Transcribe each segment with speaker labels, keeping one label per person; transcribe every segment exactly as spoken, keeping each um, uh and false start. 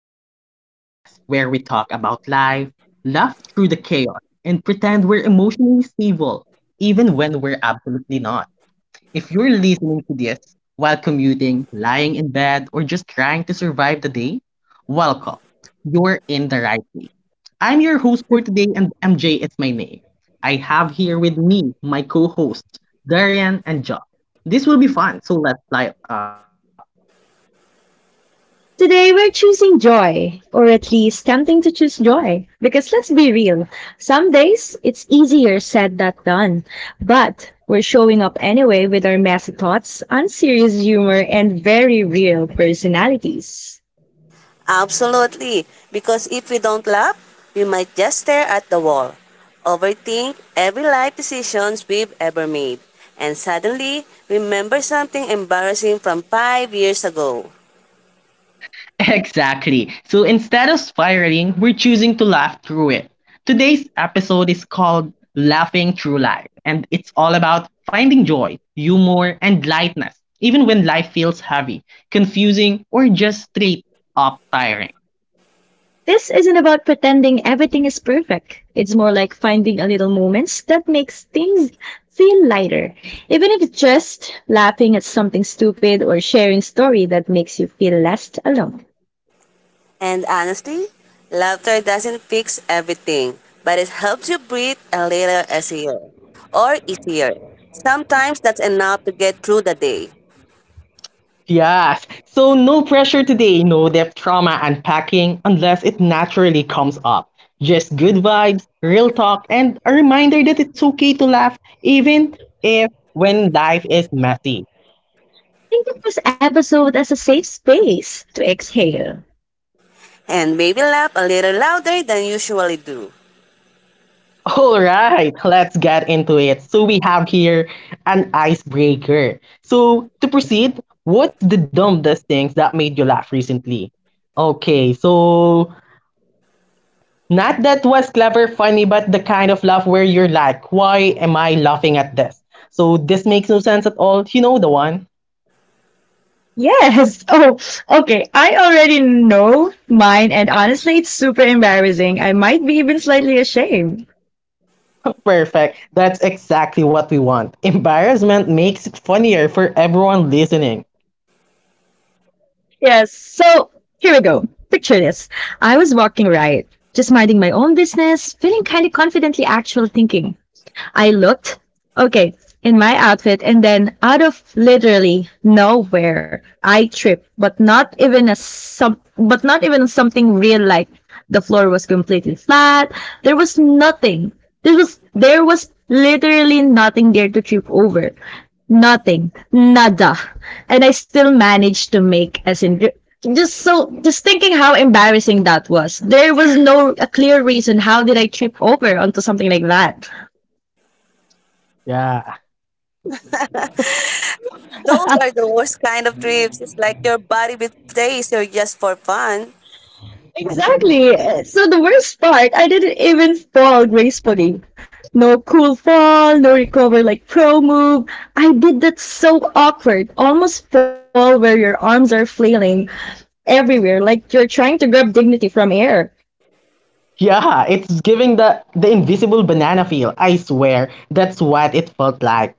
Speaker 1: back to the podcast where we talk about life, laugh through the chaos, and pretend we're emotionally stable, even when we're absolutely not. If you're listening to this while commuting, lying in bed, or just trying to survive the day, welcome. You're in the right place. I'm your host for today, and M J is my name. I have here with me my co hosts Darian and John. This will be fun, so let's light up.
Speaker 2: Today we're choosing joy, or at least tempting to choose joy. Because let's be real, some days it's easier said than done. But we're showing up anyway with our messy thoughts, unserious humor, and very real personalities.
Speaker 3: Absolutely, because if we don't laugh, we might just stare at the wall, overthink every life decisions we've ever made, and suddenly remember something embarrassing from five years ago.
Speaker 1: Exactly. So instead of spiraling, we're choosing to laugh through it. Today's episode is called Laughing Through Life, and it's all about finding joy, humor, and lightness, even when life feels heavy, confusing, or just straight up tiring.
Speaker 2: This isn't about pretending everything is perfect. It's more like finding a little moments that makes things feel lighter. Even if it's just laughing at something stupid or sharing a story that makes you feel less alone.
Speaker 3: And honestly, laughter doesn't fix everything, but it helps you breathe a little easier or easier. Sometimes that's enough to get through the day,
Speaker 1: Yes, so no pressure today, no depth trauma unpacking unless it naturally comes up. Just good vibes, real talk, and a reminder that it's okay to laugh even if when life is messy.
Speaker 2: Think of this episode as a safe space to exhale.
Speaker 3: and maybe laugh a little louder than you usually do.
Speaker 1: All right, let's get into it. So we have here an icebreaker. So to proceed, what's the dumbest things that made you laugh recently? Okay, so not that was clever, funny, but the kind of laugh where you're like, why am I laughing at this? So this makes no sense at all. You know the one?
Speaker 2: Yes. Oh, okay. I already know mine, and honestly, it's super embarrassing. I might be even slightly ashamed.
Speaker 1: Perfect. That's exactly what we want. Embarrassment makes it funnier for everyone listening.
Speaker 2: Yes. So here we go. Picture this. I was walking right, just minding my own business, feeling kind of confidently actual thinking. I looked, okay, in my outfit, and then out of literally nowhere, I tripped, but not even a some, but not even something real. Like the floor was completely flat. There was nothing. There was there was literally nothing there to trip over. Nothing, nada, and I still managed to make, as in, just so just thinking how embarrassing that was. There was no a clear reason. How did I trip over onto something like that?
Speaker 1: Yeah.
Speaker 3: Those are the worst kind of trips. It's like your body betrays you just for fun.
Speaker 2: Exactly. So the worst part, I didn't even fall gracefully. No cool fall, no recover like pro move. I did that so awkward. Almost fall where your arms are flailing everywhere, like you're trying to grab dignity from air.
Speaker 1: Yeah, it's giving the the invisible banana feel. I swear, that's what it felt like.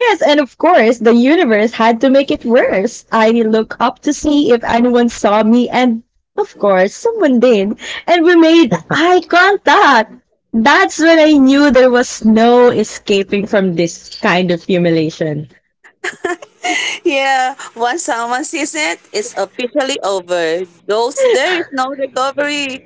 Speaker 2: Yes, and of course, the universe had to make it worse. I looked up to see if anyone saw me, and of course, someone did. And we made eye contact. That's when I knew there was no escaping from this kind of humiliation.
Speaker 3: Yeah, once someone sees it, it's officially over. Those there is no recovery.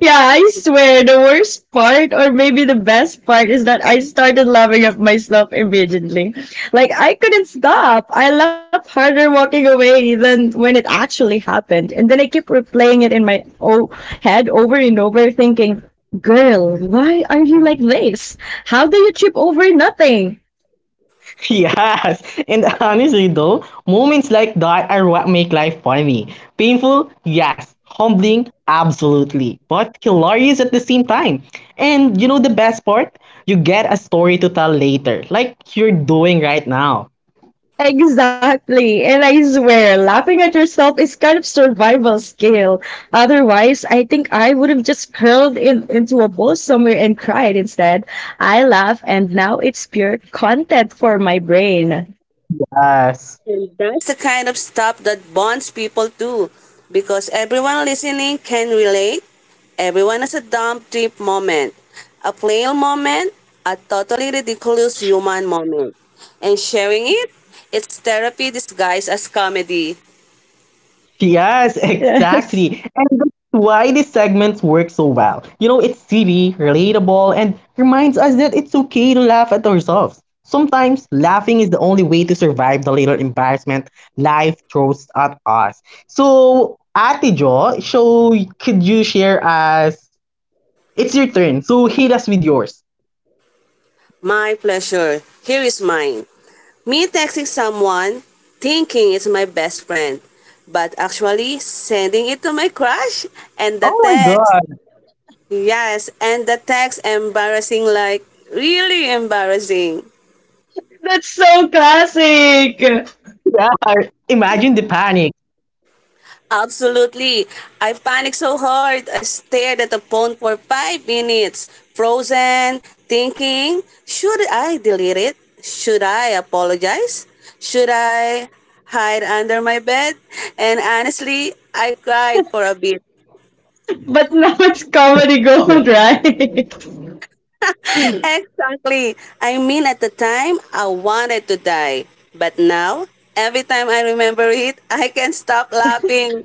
Speaker 2: Yeah, I swear the worst part, or maybe the best part, is that I started laughing at myself immediately. Like, I couldn't stop. I laughed harder walking away than when it actually happened. And then I keep replaying it in my o- head over and over, thinking, girl, why are you like this? How do you trip over nothing?
Speaker 1: Yes, and honestly though, moments like that are what make life funny. Painful, yes. Humbling, absolutely. But hilarious at the same time. And you know the best part? You get a story to tell later, like you're doing right now.
Speaker 2: Exactly. And I swear, laughing at yourself is kind of survival skill. Otherwise, I think I would have just curled in, into a ball somewhere and cried instead. I laugh, and now it's pure content for my brain.
Speaker 1: Yes.
Speaker 3: And that's the kind of stuff that bonds people too. Because everyone listening can relate. Everyone has a dump trip moment, a plain moment, a totally ridiculous human moment. And sharing it, it's therapy disguised as comedy.
Speaker 1: Yes,
Speaker 2: Yes.
Speaker 1: exactly. And that's why these segments work so well. You know, it's silly, relatable, and reminds us that it's okay to laugh at ourselves. Sometimes laughing is the only way to survive the little embarrassment life throws at us. So, Ate Jo, so could you share us? It's your turn, so hit us with yours.
Speaker 3: My pleasure. Here is mine. Me texting someone thinking it's my best friend, but actually sending it to my crush. And the
Speaker 1: Oh my
Speaker 3: text,
Speaker 1: God!
Speaker 3: yes, and the text embarrassing like really embarrassing.
Speaker 2: That's so classic.
Speaker 1: Yeah, imagine the panic.
Speaker 3: Absolutely. I panicked so hard. I stared at the phone for five minutes, frozen, thinking, should I delete it? Should I apologize? Should I hide under my bed? And honestly, I cried for a bit.
Speaker 2: But now it's comedy gold, right?
Speaker 3: Exactly. I mean, at the time, I wanted to die. But now, every time I remember it, I can't stop laughing.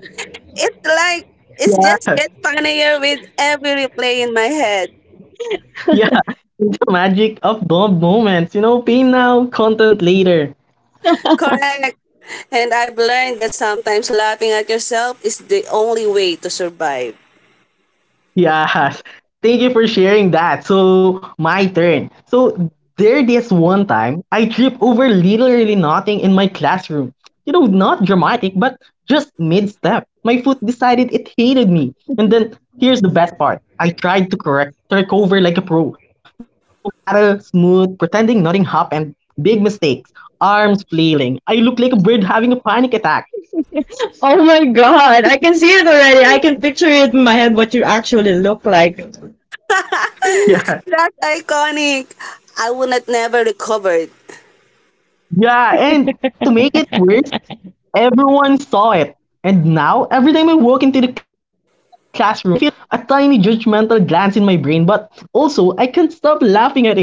Speaker 3: It's like, it's just
Speaker 1: Yeah.
Speaker 3: get funnier with every replay in my head.
Speaker 1: Yeah, the magic of those moments, you know, pay now, content later.
Speaker 3: Correct. And I've learned that sometimes laughing at yourself is the only way to survive.
Speaker 1: Yes. Thank you for sharing that. So, my turn. So, there this one time, I trip over literally nothing in my classroom. You know, not dramatic, but just mid-step. My foot decided it hated me. And then, here's the best part. I tried to correct, take over like a pro. You know, saddle, smooth, pretending nothing happened. Big mistakes arms flailing. I look like a bird having a panic attack.
Speaker 2: Oh my God. I can see it already. I can picture it in my head what you actually look like.
Speaker 1: Yeah,
Speaker 3: That's iconic. I would not never recovered.
Speaker 1: yeah, and to make it worse, everyone saw it. And now, every time I walk into the classroom, I feel a tiny judgmental glance in my brain, but also I can't stop laughing at it.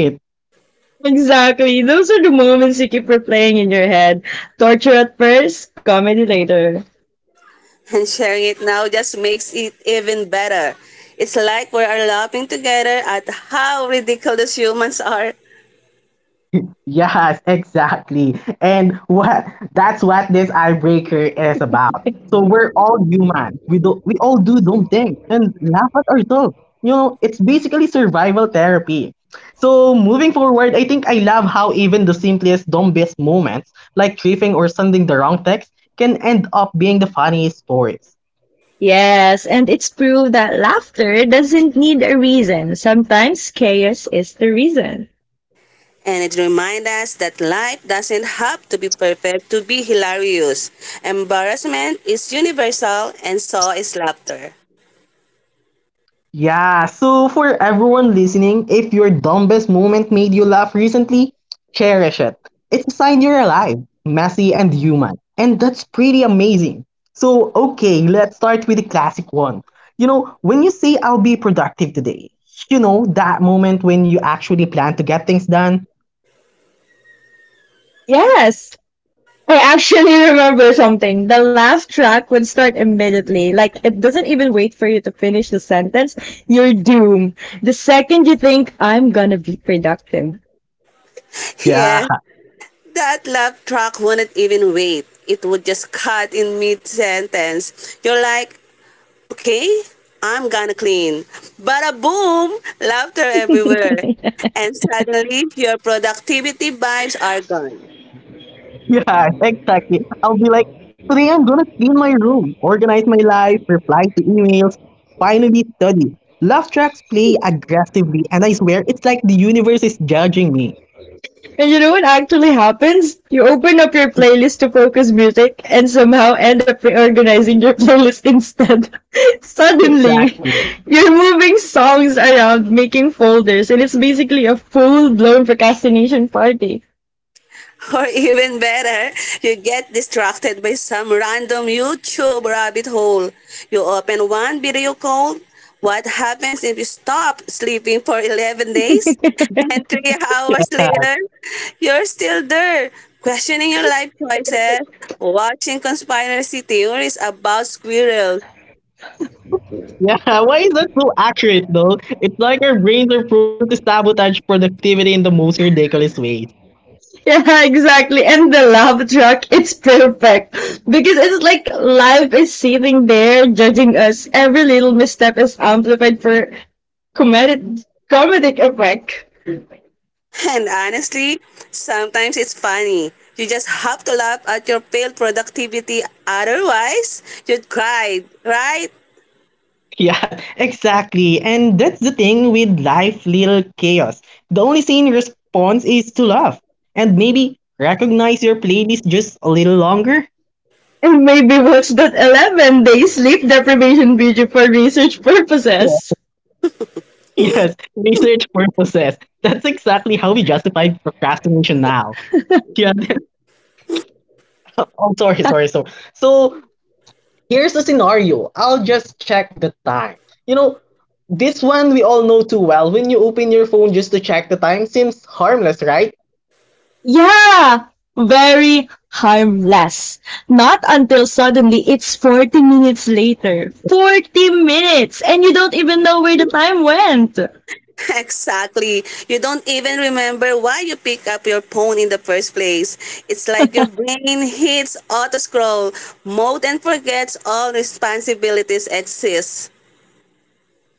Speaker 2: Exactly. Those are the moments you keep replaying in your head. Torture at first, comedy later.
Speaker 3: And sharing it now just makes it even better. It's like we are laughing together at how ridiculous humans are.
Speaker 1: Yes, exactly. And what that's what this icebreaker is about. So we're all human. We do we all do dumb things and laugh at ourselves. You know, it's basically survival therapy. So moving forward, I think I love how even the simplest dumbest moments, like tripping or sending the wrong text, can end up being the funniest stories.
Speaker 2: Yes, and it's proved that laughter doesn't need a reason. Sometimes chaos is the reason.
Speaker 3: And it reminds us that life doesn't have to be perfect to be hilarious. Embarrassment is universal, and so is laughter.
Speaker 1: Yeah, so for everyone listening, if your dumbest moment made you laugh recently, cherish it. It's a sign you're alive, messy, and human. And that's pretty amazing. So, okay, let's start with the classic one. You know, when you say, I'll be productive today, you know, that moment when you actually plan to get things done.
Speaker 2: Yes. I actually remember something. The laugh track would start immediately. Like, it doesn't even wait for you to finish the sentence. You're doomed. The second you think, I'm gonna be productive.
Speaker 1: Yeah,
Speaker 3: Yeah, that laugh track wouldn't even wait. It would just cut in mid sentence. You're like, okay, I'm gonna clean. Bada boom! Laughter everywhere. And suddenly, your productivity vibes are gone.
Speaker 1: Yeah, exactly. I'll be like, today I'm gonna clean my room, organize my life, reply to emails, finally study. Love tracks play aggressively, and I swear it's like the universe is judging me.
Speaker 2: And you know what actually happens? You open up your playlist to focus music and somehow end up reorganizing your playlist instead. Suddenly,
Speaker 1: Exactly.
Speaker 2: you're moving songs around, making folders, and it's basically a full blown procrastination party.
Speaker 3: Or even better, you get distracted by some random YouTube rabbit hole. You open one video call. What happens if you stop sleeping for eleven days? And
Speaker 2: Yeah,
Speaker 3: three hours
Speaker 1: Uh,
Speaker 3: later, you're still there, questioning your life choices, watching conspiracy theories about squirrels.
Speaker 1: yeah, why is that so accurate though? It's like our brains are programmed to sabotage productivity in the most ridiculous ways.
Speaker 2: exactly. And the laugh track, it's perfect. Because it's like life is sitting there judging us. Every little misstep is amplified for comedic, comedic effect.
Speaker 3: And honestly, sometimes it's funny. You just have to laugh at your pale productivity, otherwise, you'd cry, right?
Speaker 1: Yeah, exactly. And that's the thing with life, little chaos. The only sane response is to laugh and maybe recognize your playlist just a little longer.
Speaker 2: And maybe watch that eleven day sleep deprivation video for research
Speaker 1: Yeah.
Speaker 2: purposes.
Speaker 1: Yes, research purposes. That's exactly how we justify procrastination now. Yeah. Oh, sorry, sorry, sorry. So here's a scenario. I'll just check the time. You know, this one we all know too well. When you open your phone just to check the time seems harmless, right?
Speaker 2: Yeah, very harmless. Not until suddenly it's forty minutes later. forty minutes! And you don't even know where the time went.
Speaker 3: Exactly. You don't even remember why you pick up your phone in the first place. It's like your brain hits auto scroll mode and forgets all responsibilities exist.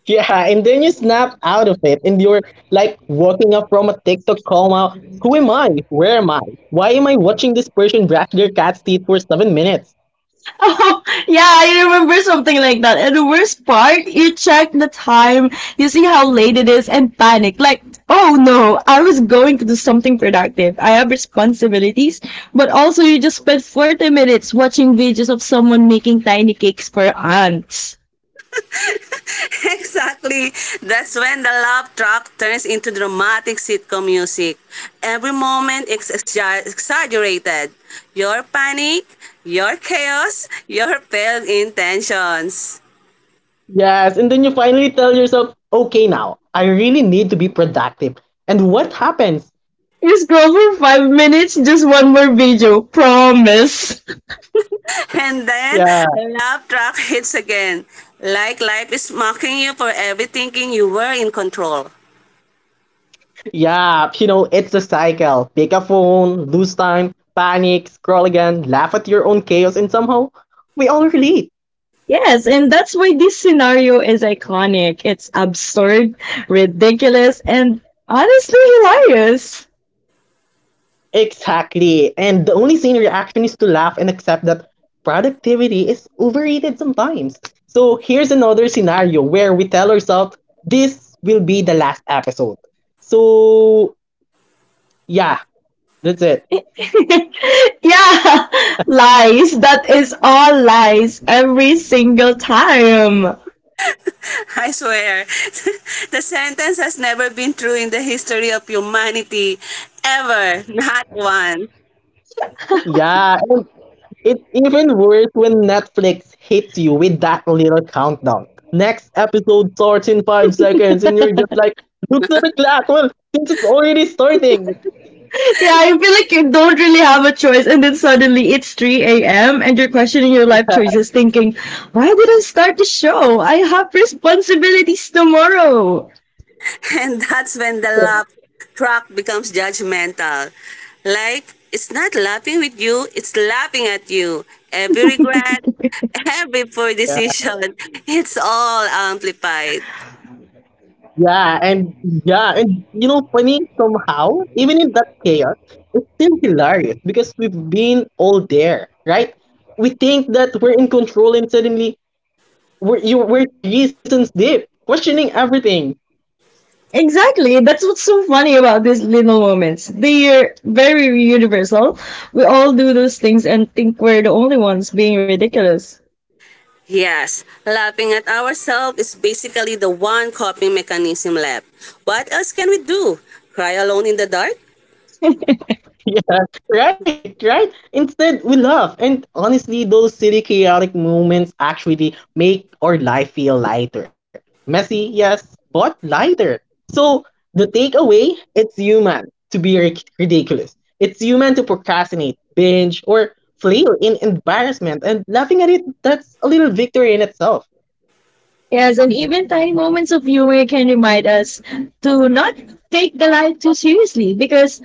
Speaker 1: Yeah, and then you snap out of it and you're like walking up from a TikTok coma. Who am I? Where am I? Why am I watching this person brush their cat's teeth for seven minutes?
Speaker 2: Oh, yeah, I remember something like that. And the worst part, you check the time, you see how late it is, and panic. Like, oh no, I was going to do something productive. I have responsibilities. But also, you just spent forty minutes watching videos of someone making tiny cakes for ants.
Speaker 3: Exactly. That's when the love track turns into dramatic sitcom music. Every moment is exag- exaggerated. Your panic, your chaos, your failed intentions.
Speaker 1: Yes, and then you finally tell yourself, okay, now I really need to be productive. And what happens?
Speaker 2: You scroll for five minutes, just one more video. Promise.
Speaker 3: And then
Speaker 1: Yeah,
Speaker 3: the love track hits again. Like life is mocking you for every thinking you were in control.
Speaker 1: yeah, you know, it's a cycle. Pick a phone, lose time, panic, scroll again, laugh at your own chaos, and somehow we all relate.
Speaker 2: Yes, and that's why this scenario is iconic. It's absurd, ridiculous, and honestly hilarious.
Speaker 1: Exactly. And the only sane reaction is to laugh and accept that productivity is overrated sometimes. So here's another scenario where we tell ourselves this will be the last episode. So yeah, that's it.
Speaker 2: Yeah, lies. That is all lies every single time.
Speaker 3: I swear, the sentence has never been true in the history of humanity. Ever. Not once.
Speaker 1: Yeah, it's even worse when Netflix hits you with that little countdown. Next episode starts in five seconds, and you're just like, look at the clock. Well, since it's already starting.
Speaker 2: Yeah, you feel like you don't really have a choice, and then suddenly it's three a m and you're questioning your life choices, thinking, why did I start the show? I have responsibilities tomorrow.
Speaker 3: And that's when the laugh track becomes judgmental. Like, it's not laughing with you, it's laughing at you. Every regret, every poor decision, it's all amplified.
Speaker 1: Yeah, and yeah, and you know, funny somehow, even in that chaos, it's still hilarious because we've been all there, right? We think that we're in control, and suddenly we're you we're three seasons deep, questioning everything.
Speaker 2: Exactly. That's what's so funny about these little moments. They're very universal. We all do those things and think we're the only ones being ridiculous.
Speaker 3: Yes, laughing at ourselves is basically the one coping mechanism left. What else can we do? Cry alone in the dark?
Speaker 1: Yeah, right, right. Instead, we laugh. And honestly, those silly, chaotic moments actually make our life feel lighter. Messy, yes, but lighter. So, the takeaway it's human to be ric- ridiculous. It's human to procrastinate, binge, or flail in embarrassment. And laughing at it, that's a little victory in itself.
Speaker 2: Yes, and even tiny moments of humor can remind us to not take the life too seriously because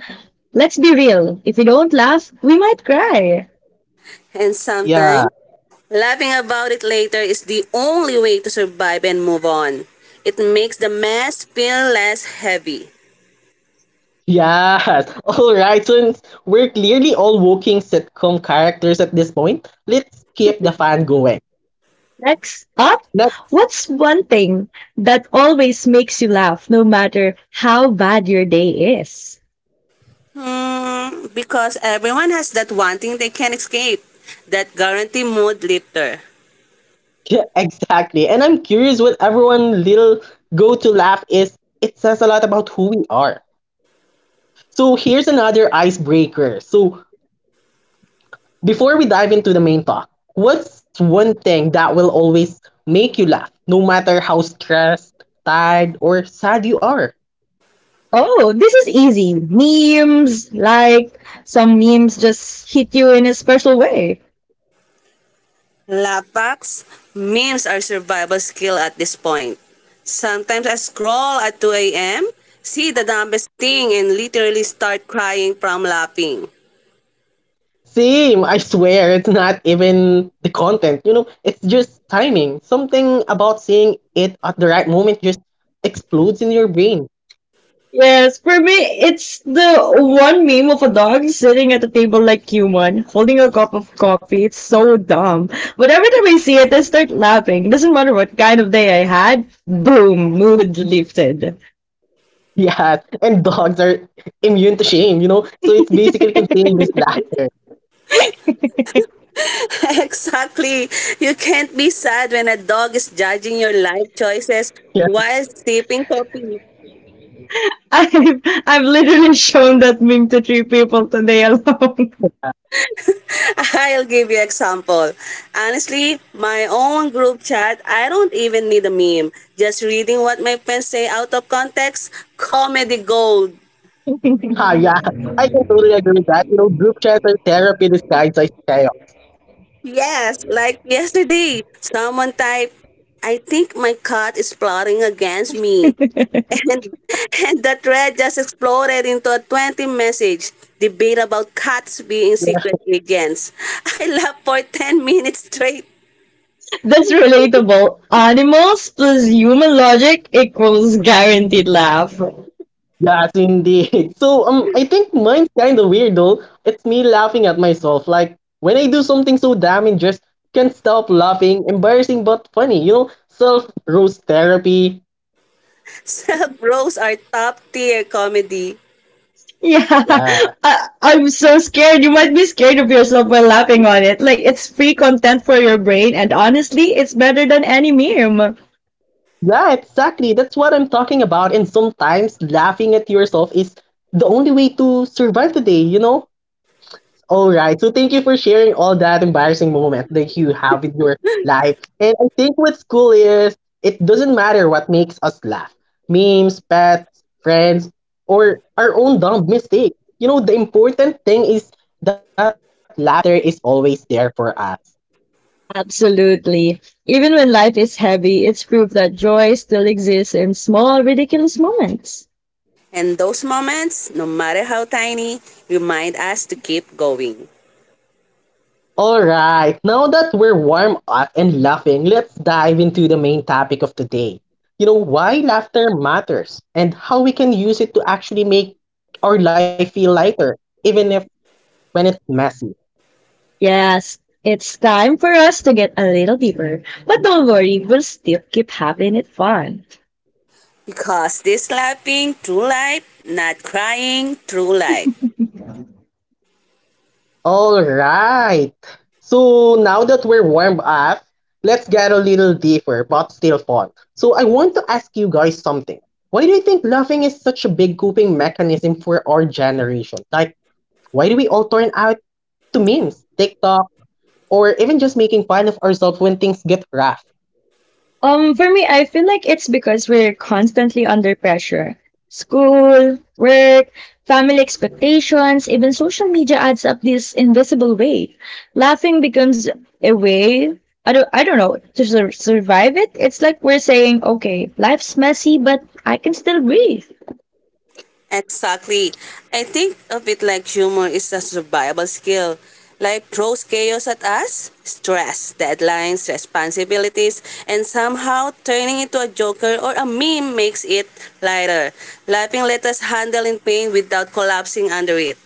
Speaker 2: let's be real, if we don't laugh, we might cry.
Speaker 3: And
Speaker 1: Yeah.
Speaker 3: sometimes, laughing about it later is the only way to survive and move on. It makes the mess feel less heavy.
Speaker 1: Yes. All right. Since we're clearly all walking sitcom characters at this point, let's keep the fan going.
Speaker 2: Next up,
Speaker 1: No,
Speaker 2: what's one thing that always makes you laugh no matter how bad your day is?
Speaker 3: Hmm, because everyone has that one thing they can't escape. That guarantee mood lifter.
Speaker 1: yeah, exactly. And I'm curious what everyone little go-to laugh is. It says a lot about who we are. So here's another icebreaker. So before we dive into the main talk, what's one thing that will always make you laugh, no matter how stressed, tired, or sad you are?
Speaker 2: Oh, this is easy. Memes, like some memes just hit you in a special way.
Speaker 3: Lapax, memes are survival skill at this point. Sometimes I scroll at two a m, see the dumbest thing, and literally start crying from laughing.
Speaker 1: Same, I swear, it's not even the content, you know, it's just timing. Something about seeing it at the right moment just explodes in your brain.
Speaker 2: Yes, for me, it's the one meme of a dog sitting at a table like human, holding a cup of coffee. It's so dumb. But every time I see it, I start laughing. Doesn't matter what kind of day I had, boom, mood lifted.
Speaker 1: Yeah, and dogs are immune to shame, you know? So it's basically contagious laughter.
Speaker 3: Exactly. You can't be sad when a dog is judging your life choices
Speaker 1: Yeah.
Speaker 3: while sipping coffee.
Speaker 2: I've, I've literally shown that meme to three people today alone.
Speaker 3: I'll give you example. Honestly, my own group chat, I don't even need a meme. Just reading what my friends say out of context, comedy gold.
Speaker 1: Ah, yeah. I can totally agree with that. You know, group chats are therapy disguised as chaos.
Speaker 3: Yes, like yesterday, someone typed, I think my cat is plotting against me. And, and the thread just exploded into a twenty message debate about cats being
Speaker 1: Yeah.
Speaker 3: secret agents. I laughed for ten minutes straight.
Speaker 2: That's relatable. Animals plus human logic equals guaranteed laugh.
Speaker 1: Yes, indeed. So um, I think mine's kind of weird though. It's me laughing at myself. Like when I do something so damn just can't stop laughing, embarrassing but funny. You know, self roast therapy.
Speaker 3: Self roles are top tier comedy.
Speaker 2: Yeah,
Speaker 1: Yeah.
Speaker 2: I, I'm so scared. You might be scared of yourself while laughing on it. Like, it's free content for your brain, and honestly, it's better than any meme.
Speaker 1: Yeah, exactly. That's what I'm talking about. And sometimes laughing at yourself is the only way to survive the day, you know? All right. So thank you for sharing all that embarrassing moment that you have with your life. And I think what's cool is it doesn't matter what makes us laugh. Memes, pets, friends, or our own dumb mistake. You know, the important thing is that laughter is always there for us.
Speaker 2: Absolutely. Even when life is heavy, it's proof that joy still exists in small, ridiculous moments.
Speaker 3: And those moments, no matter how tiny, remind us to keep going.
Speaker 1: Alright, now that we're warm up and laughing, let's dive into the main topic of today. You know, why laughter matters and how we can use it to actually make our life feel lighter, even if when it's messy.
Speaker 2: Yes, it's time for us to get a little deeper, but don't worry, we'll still keep having it fun.
Speaker 3: Because this laughing through life, not crying through life.
Speaker 1: Alright, so now that we're warmed up, let's get a little deeper but still fun. So, I want to ask you guys something. Why do you think laughing is such a big coping mechanism for our generation? Like, why do we all turn out to memes, TikTok, or even just making fun of ourselves when things get rough.
Speaker 2: Um, for me, I feel like it's because we're constantly under pressure. School, work, family expectations, even social media adds up this invisible weight. Laughing becomes a way, I don't, I don't know, to sur- survive it. It's like we're saying, okay, life's messy, but I can still breathe.
Speaker 3: Exactly. I think of it like humor is a survival skill. Life throws chaos at us, stress, deadlines, responsibilities, and somehow turning into a joker or a meme makes it lighter. Laughing lets us handle in pain without collapsing under it.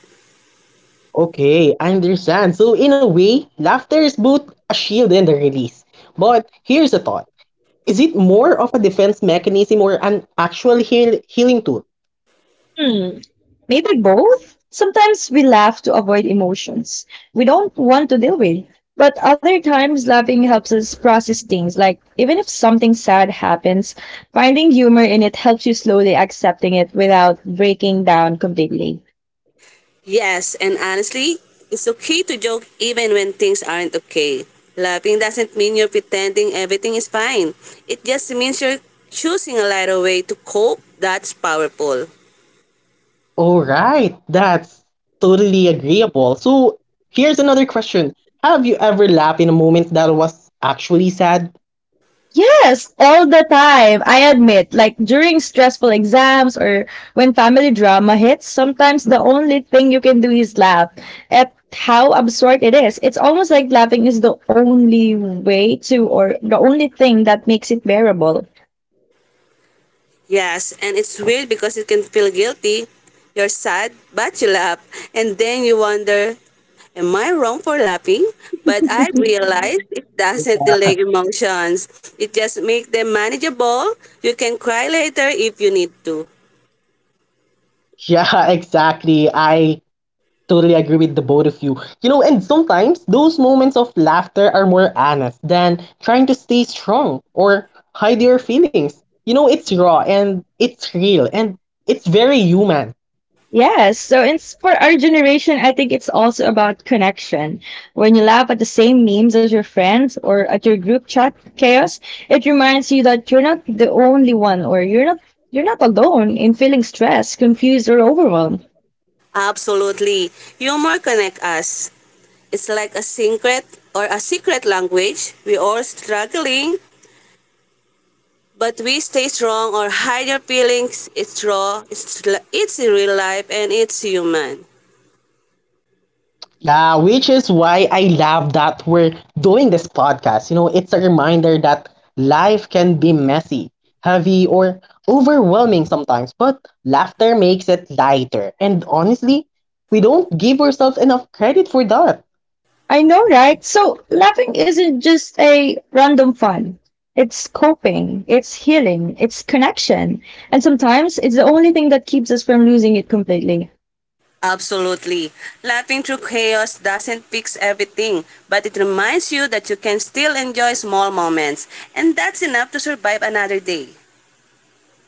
Speaker 1: Okay, I understand. So, in a way, laughter is both a shield and a release. But here's a thought Is it more of a defense mechanism or an actual heal- healing tool?
Speaker 2: Hmm. Maybe both. Sometimes we laugh to avoid emotions we don't want to deal with. But other times, laughing helps us process things. Like, even if something sad happens, finding humor in it helps you slowly accepting it without breaking down completely.
Speaker 3: Yes, and honestly, it's okay to joke even when things aren't okay. Laughing doesn't mean you're pretending everything is fine. It just means you're choosing a lighter way to cope that's powerful.
Speaker 1: Alright, that's totally agreeable. So, here's another question Have you ever laughed in a moment that was actually sad?
Speaker 2: Yes, all the time. I admit, like during stressful exams or when family drama hits, sometimes the only thing you can do is laugh at how absurd it is. It's almost like laughing is the only way to, or the only thing that makes it bearable.
Speaker 3: Yes, and it's weird because you can feel guilty. You're sad, but you laugh. And then you wonder, am I wrong for laughing? But I realized it doesn't delay emotions. It just makes them manageable. You can cry later if you need to.
Speaker 1: Yeah, exactly. I Totally agree with the both of you. You know, and sometimes those moments of laughter are more honest than trying to stay strong or hide your feelings. You know, it's raw and it's real and it's very human.
Speaker 2: Yes, so it's for our generation, I think it's also about connection. When you laugh at the same memes as your friends or at your group chat chaos, it reminds you that you're not the only one, or you're not you're not alone in feeling stressed, confused or overwhelmed.
Speaker 3: Absolutely. Humor connects us. It's like a secret or a secret language. We all struggling, but we stay strong or hide your feelings. It's raw, it's, l- it's real life, and it's human.
Speaker 1: Yeah, which is why I love that we're doing this podcast. You know, it's a reminder that life can be messy, heavy, or overwhelming sometimes, but laughter makes it lighter. And honestly, we don't give ourselves enough credit for that
Speaker 2: I know, right? So laughing isn't just a random fun. It's coping, it's healing, it's connection. And sometimes it's the only thing that keeps us from losing it completely.
Speaker 3: Absolutely. Laughing through chaos doesn't fix everything, but it reminds you that you can still enjoy small moments, and that's enough to survive another day.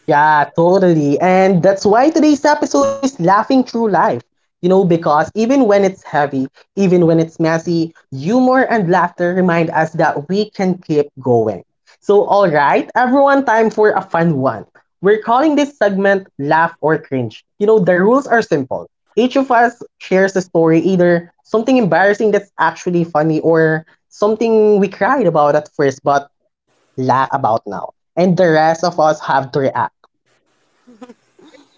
Speaker 1: Yeah, totally. And that's why today's episode is Laughing Through Life. You know, because even when it's heavy, even when it's messy, humor and laughter remind us that we can keep going. So, all right, everyone, time for a fun one. We're calling this segment Laugh or Cringe. You know, the rules are simple. Each of us shares a story, either something embarrassing that's actually funny or something we cried about at first but laugh about now. And the rest of us have to react.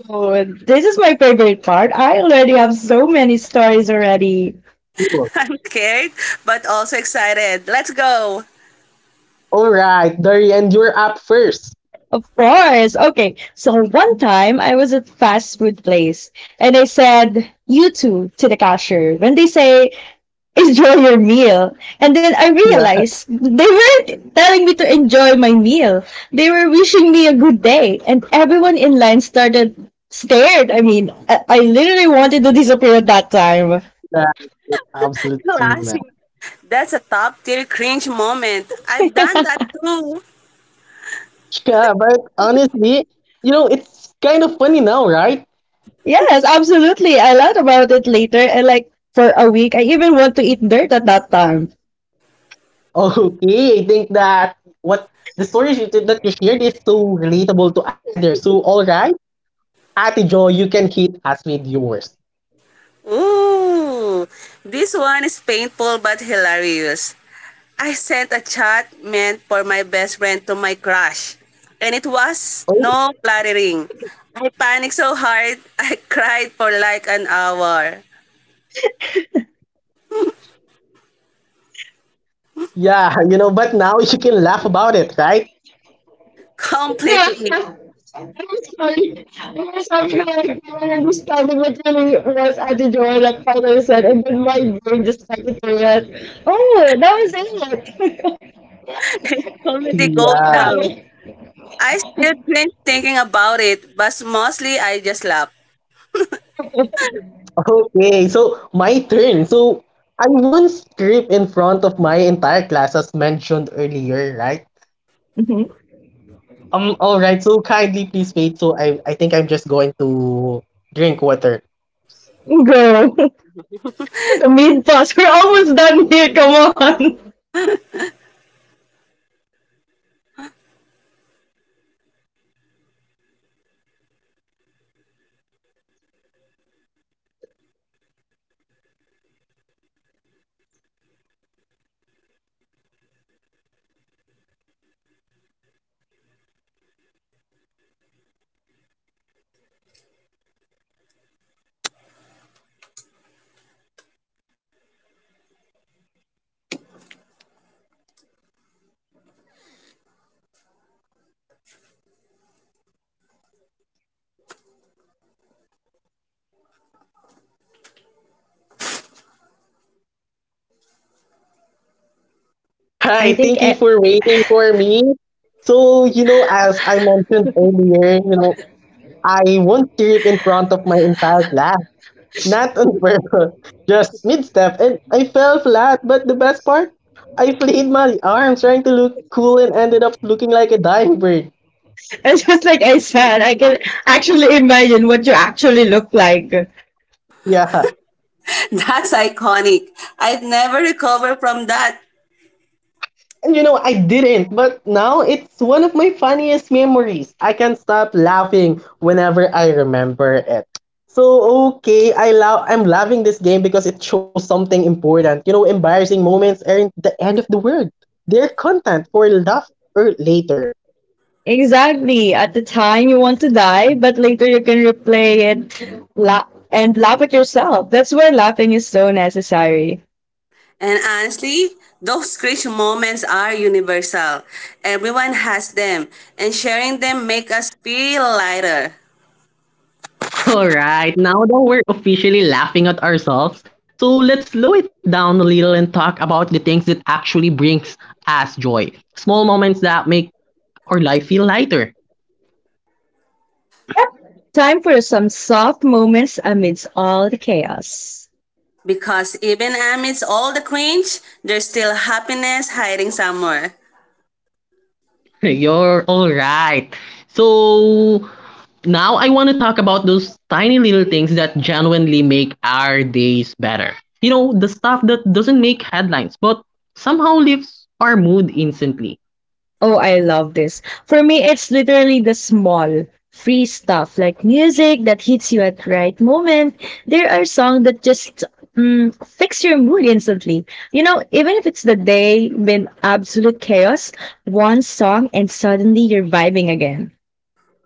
Speaker 2: Oh, and this is my favorite part. I already have so many stories already.
Speaker 1: Sure.
Speaker 3: I'm scared, but also excited. Let's go!
Speaker 1: All right, Darian, you're up first.
Speaker 2: Of course. Okay. So one time I was at fast food place and I said, you too, to the cashier. When they say, enjoy your meal. And then I
Speaker 1: Yeah,
Speaker 2: realized they weren't telling me to enjoy my meal. They were wishing me a good day. And everyone in line started stared. I mean, I, I literally wanted to disappear at that time.
Speaker 1: that is absolute team match.
Speaker 3: Classic. That's a top tier cringe moment. I've done that too.
Speaker 1: Yeah, but honestly, you know, it's kind of funny now, right?
Speaker 2: Yes, absolutely. I learned about it later and like for a week I even want to eat dirt at that time.
Speaker 1: Okay, I think that what the stories you, that you shared is so relatable to others. So, all right, Ate Jo, you can hit us with yours.
Speaker 3: Ooh. This one is painful but hilarious. I sent a chat meant for my best friend to my crush. And it was
Speaker 1: Oh,
Speaker 3: no flattering. I panicked so hard, I cried for like an hour.
Speaker 1: yeah, you know, but now you can laugh about it, right?
Speaker 2: Yeah,
Speaker 3: Completely.
Speaker 2: I'm sorry. I'm sorry, like, I understand what really was Ate Joy, like Father said, and then my brain just started to react. Oh, that was it.
Speaker 3: It's comedy gold
Speaker 1: Yeah.
Speaker 3: now.
Speaker 2: I
Speaker 3: I still cringe thinking about it, but mostly I just laugh.
Speaker 1: Okay, so my turn. So I once tripped in front of my entire class as mentioned earlier, right?
Speaker 2: mm-hmm.
Speaker 1: Um, all right, so kindly please wait. So I, I think I'm just going to drink water.
Speaker 2: Go. The main boss. We're almost done here. Come on.
Speaker 1: All
Speaker 2: I
Speaker 1: right,
Speaker 2: think
Speaker 1: thank
Speaker 2: I,
Speaker 1: you for waiting for me. So, you know, as I mentioned earlier, you know, I once tripped in front of my entire class. Not on purpose, just mid-step, and I fell flat. But the best part, I played my arms trying to look cool and ended up looking like a dying bird.
Speaker 2: it's just like I said, I can actually imagine what you actually look like.
Speaker 1: Yeah.
Speaker 3: That's iconic. I've never recovered from that.
Speaker 1: And you know, I didn't, but now it's one of my funniest memories. I can't stop laughing whenever I remember it. So okay, I love I'm loving this game because it shows something important. You know, embarrassing moments aren't the end of the world. They're content for laugh or later.
Speaker 2: Exactly. At the time, you want to die, but later you can replay it la- and laugh at yourself. That's why laughing is so necessary.
Speaker 3: And honestly, those cringe moments are universal. Everyone has them, and sharing them make us feel lighter.
Speaker 1: All right, now that we're officially laughing at ourselves, so let's slow it down a little and talk about the things that actually brings us joy. Small moments that make our life feel lighter.
Speaker 2: Time for some soft moments amidst all the chaos.
Speaker 3: Because even amidst all the cringe, there's still happiness hiding somewhere.
Speaker 1: You're all right. So now I want to talk about those tiny little things that genuinely make our days better. You know, the stuff that doesn't make headlines but somehow lifts our mood instantly.
Speaker 2: Oh, I love this. For me, it's literally the small, free stuff like music that hits you at right moment. There are songs that just mm, fix your mood instantly. You know, even if it's the day with absolute chaos, one song and suddenly you're vibing again.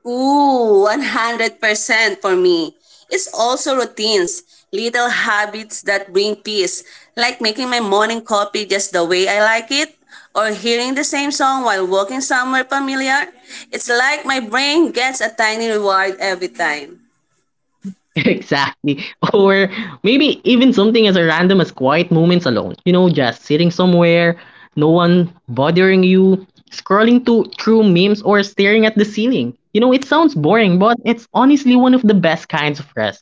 Speaker 3: Ooh, one hundred percent for me. It's also routines, little habits that bring peace, like making my morning coffee just the way I like it, or hearing the same song while walking somewhere familiar. It's like my brain gets a tiny reward every time.
Speaker 1: Exactly. Or maybe even something as a random as quiet moments alone. You know, just sitting somewhere, no one bothering you, scrolling to through memes or staring at the ceiling. You know, it sounds boring, but it's honestly one of the best kinds of rest.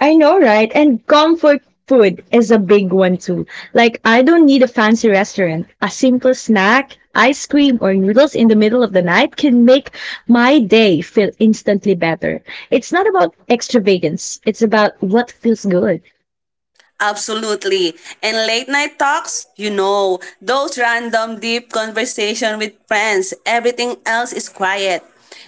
Speaker 2: I know, right? And comfort food is a big one too. Like, I don't need a fancy restaurant. A simple snack, ice cream, or noodles in the middle of the night can make my day feel instantly better. It's not about extravagance, it's about what feels good.
Speaker 3: Absolutely. And late night talks, you know, those random deep conversation with friends, everything else is quiet.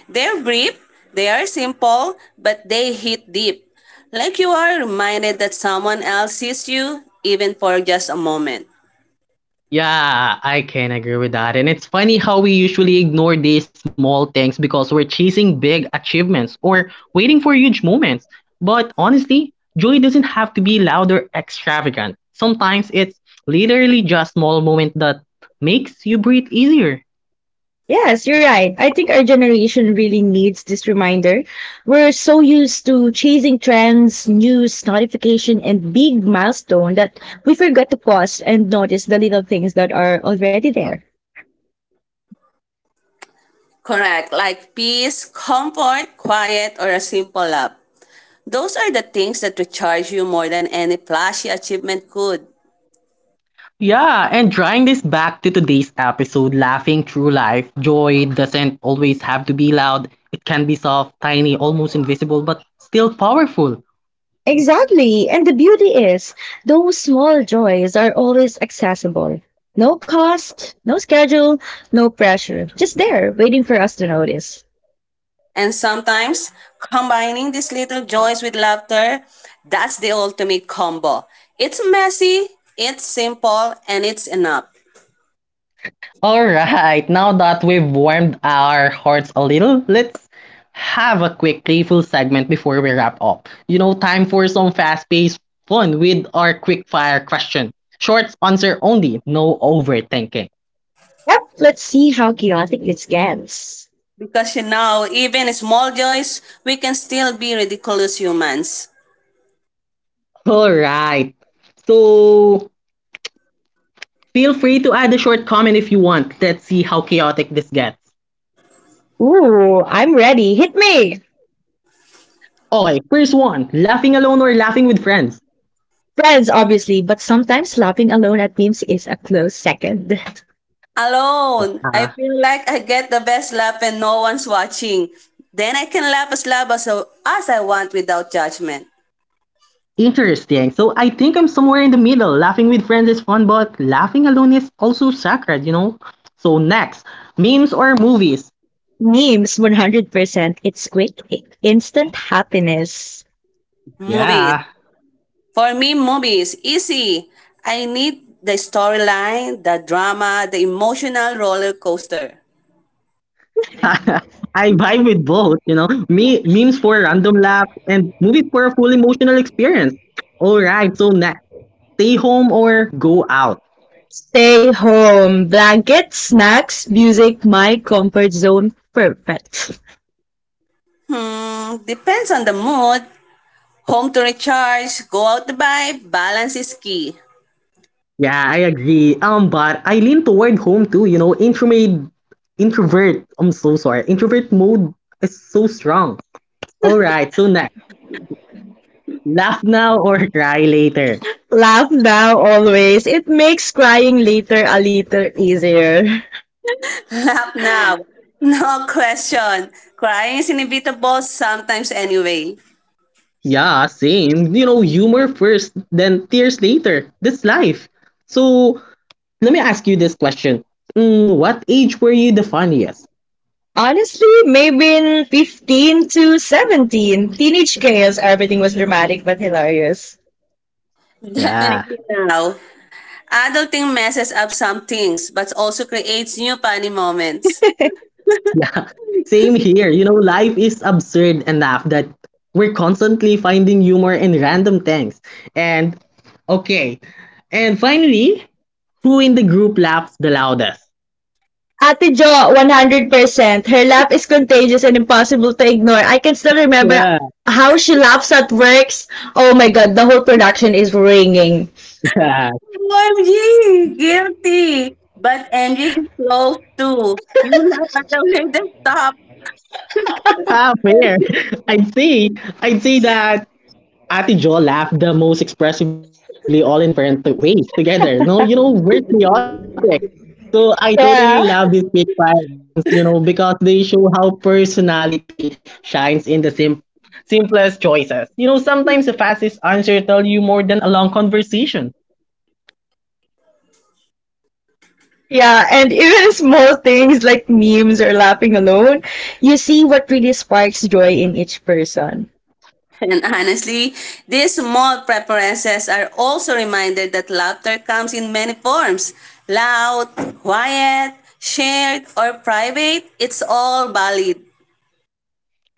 Speaker 3: They're brief, they are simple, but they hit deep. Like you are reminded that someone else sees you, even for just a moment.
Speaker 1: Yeah, I can agree with that. And it's funny how we usually ignore these small things because we're chasing big achievements or waiting for huge moments. But honestly, joy doesn't have to be loud or extravagant. Sometimes it's literally just small moment that makes you breathe easier.
Speaker 2: Yes, you're right. I think our generation really needs this reminder. We're so used to chasing trends, news, notification, and big milestone that we forget to pause and notice the little things that are already there.
Speaker 3: Correct, like peace, comfort, quiet, or a simple laugh. Those are the things that recharge you more than any flashy achievement could.
Speaker 1: Yeah, and drawing this back to today's episode, laughing through life, joy doesn't always have to be loud. It can be soft, tiny, almost invisible, but still powerful.
Speaker 2: Exactly. And the beauty is, those small joys are always accessible. No cost, no schedule, no pressure. Just there, waiting for us to notice.
Speaker 3: And sometimes combining these little joys with laughter, that's the ultimate combo. It's messy, it's simple, and it's enough.
Speaker 1: Alright, now that we've warmed our hearts a little, let's have a quick playful segment before we wrap up. You know, time for some fast paced fun with our quick fire question. Short answer only, no overthinking.
Speaker 2: Yep, let's see how chaotic this gets.
Speaker 3: Because you know, even small joys, we can still be ridiculous humans.
Speaker 1: Alright, so feel free to add a short comment if you want. Let's see how chaotic this gets.
Speaker 2: Ooh, I'm ready. Hit me!
Speaker 1: Okay, first one, laughing alone or laughing with friends?
Speaker 2: Friends, obviously, but sometimes laughing alone at memes is a close second.
Speaker 3: Alone,
Speaker 1: Ah,
Speaker 3: I feel like I get the best laugh and no one's watching. Then I can laugh as loud as, as I want without judgment.
Speaker 1: interesting. So I think I'm somewhere in the middle. Laughing with friends is fun, but laughing alone is also sacred, you know? So next, memes or movies?
Speaker 2: Memes, one hundred percent. It's quick, instant happiness.
Speaker 3: Movies.
Speaker 1: Yeah.
Speaker 3: For me, movies, easy. I need the storyline, the drama, the emotional roller coaster.
Speaker 1: I vibe with both, you know? Me memes for random laugh and movies for a full emotional experience. All right, so next, stay home or go out.
Speaker 2: Stay home. Blankets, snacks, music, my comfort zone. Perfect.
Speaker 3: Hmm, depends on the mood. Home to recharge, go out to vibe, balance is key.
Speaker 1: Yeah, I agree. Um, but I lean toward home too, you know, introvert introvert. I'm so sorry. Introvert mode is so strong. All right, so next, laugh now or cry later.
Speaker 2: Laugh now always. It makes crying later a little easier.
Speaker 3: Laugh now. No question. Crying is inevitable sometimes anyway.
Speaker 1: Yeah, same. You know, humor first, then tears later. That's life. So, let me ask you this question. Mm, what age were you the funniest?
Speaker 2: Honestly, maybe in fifteen to seventeen, teenage chaos, everything was dramatic but hilarious.
Speaker 1: Yeah,
Speaker 3: Definitely now. Adulting messes up some things, but also creates new funny moments.
Speaker 1: yeah. Same here. You know, life is absurd enough that we're constantly finding humor in random things. And, okay. And finally, who in the group laughs the loudest?
Speaker 2: Ate Jo, one hundred percent. Her laugh is contagious and impossible to ignore. I can still remember
Speaker 1: Yeah,
Speaker 2: how she laughs at works. Oh my God, the whole production is ringing.
Speaker 1: yeah.
Speaker 3: O M G! Guilty! But M J is close too. You laugh at the way they stop.
Speaker 1: Ah, fair. I'd say I'd say that Ati Jo laughed the most expressively, all in different t- ways together. No, you know, we're chaotic. So I totally
Speaker 2: Yeah.
Speaker 1: love these quick fire rounds, you know, because they show how personality shines in the sim- simplest choices. You know, sometimes the fastest answer tell you more than a long conversation.
Speaker 2: Yeah, and even small things like memes or laughing alone, you see what really sparks joy in each person.
Speaker 3: And honestly, these small preferences are also reminded that laughter comes in many forms. Loud, quiet, shared, or private, it's all valid.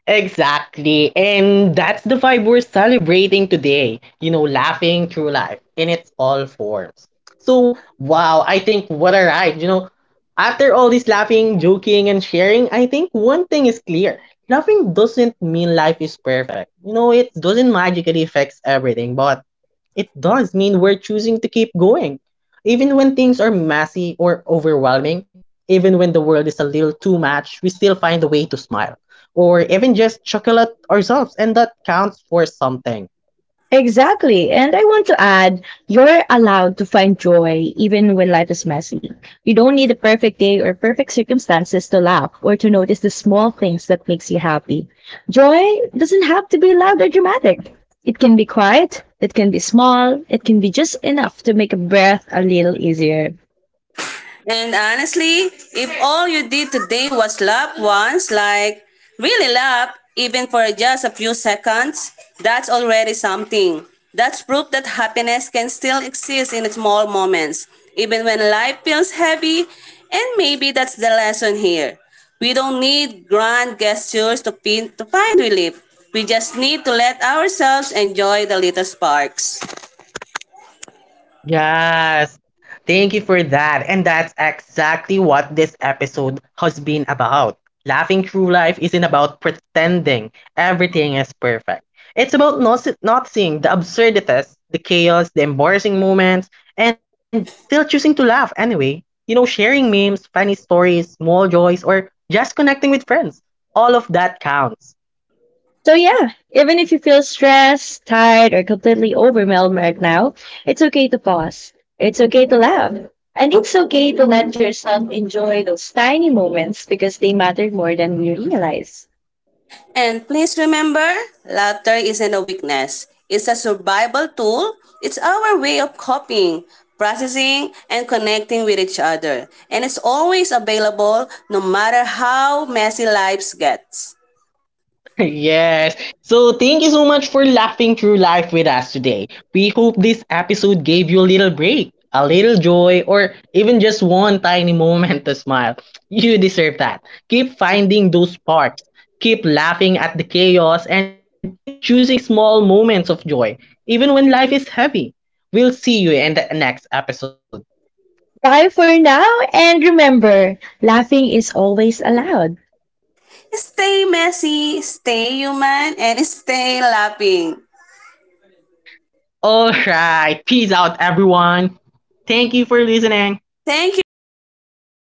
Speaker 1: Exactly. And that's the vibe we're celebrating today, you know, laughing through life in its all forms. So, wow, I think what a ride, you know. After all this laughing, joking, and sharing, I think one thing is clear. Laughing doesn't mean life is perfect. You know, it doesn't magically fix everything, but it does mean we're choosing to keep going. Even when things are messy or overwhelming, even when the world is a little too much, we still find a way to smile or even just chocolate ourselves, and that counts for something.
Speaker 2: Exactly. And I want to add, you're allowed to find joy even when life is messy. You don't need a perfect day or perfect circumstances to laugh or to notice the small things that makes you happy. Joy doesn't have to be loud or dramatic. It can be quiet, it can be small, it can be just enough to make a breath a little easier.
Speaker 3: And honestly, if all you did today was laugh once, like really laugh, even for just a few seconds, that's already something. That's proof that happiness can still exist in small moments, even when life feels heavy. And maybe that's the lesson here. We don't need grand gestures to, pin- to find relief. We just need to let ourselves enjoy the little sparks.
Speaker 1: Yes. Thank you for that. And that's exactly what this episode has been about. Laughing through life isn't about pretending everything is perfect. It's about not, not seeing the absurdities, the chaos, the embarrassing moments, and still choosing to laugh anyway. You know, sharing memes, funny stories, small joys, or just connecting with friends. All of that counts.
Speaker 2: So yeah, even if you feel stressed, tired, or completely overwhelmed right now, it's okay to pause. It's okay to laugh. And it's okay to let yourself enjoy those tiny moments because they matter more than we realize.
Speaker 3: And please remember, laughter isn't a weakness. It's a survival tool. It's our way of coping, processing, and connecting with each other. And it's always available no matter how messy lives gets.
Speaker 1: Yes. So thank you so much for laughing through life with us today. We hope this episode gave you a little break, a little joy, or even just one tiny moment to smile. You deserve that. Keep finding those sparks. Keep laughing at the chaos and keep choosing small moments of joy, even when life is heavy. We'll see you in the next episode.
Speaker 2: Bye for now and remember, laughing is always allowed.
Speaker 3: Stay messy, stay human, and stay laughing.
Speaker 1: All right. Peace out, everyone. Thank you for listening.
Speaker 3: Thank you. Bye.
Speaker 2: Goodbye.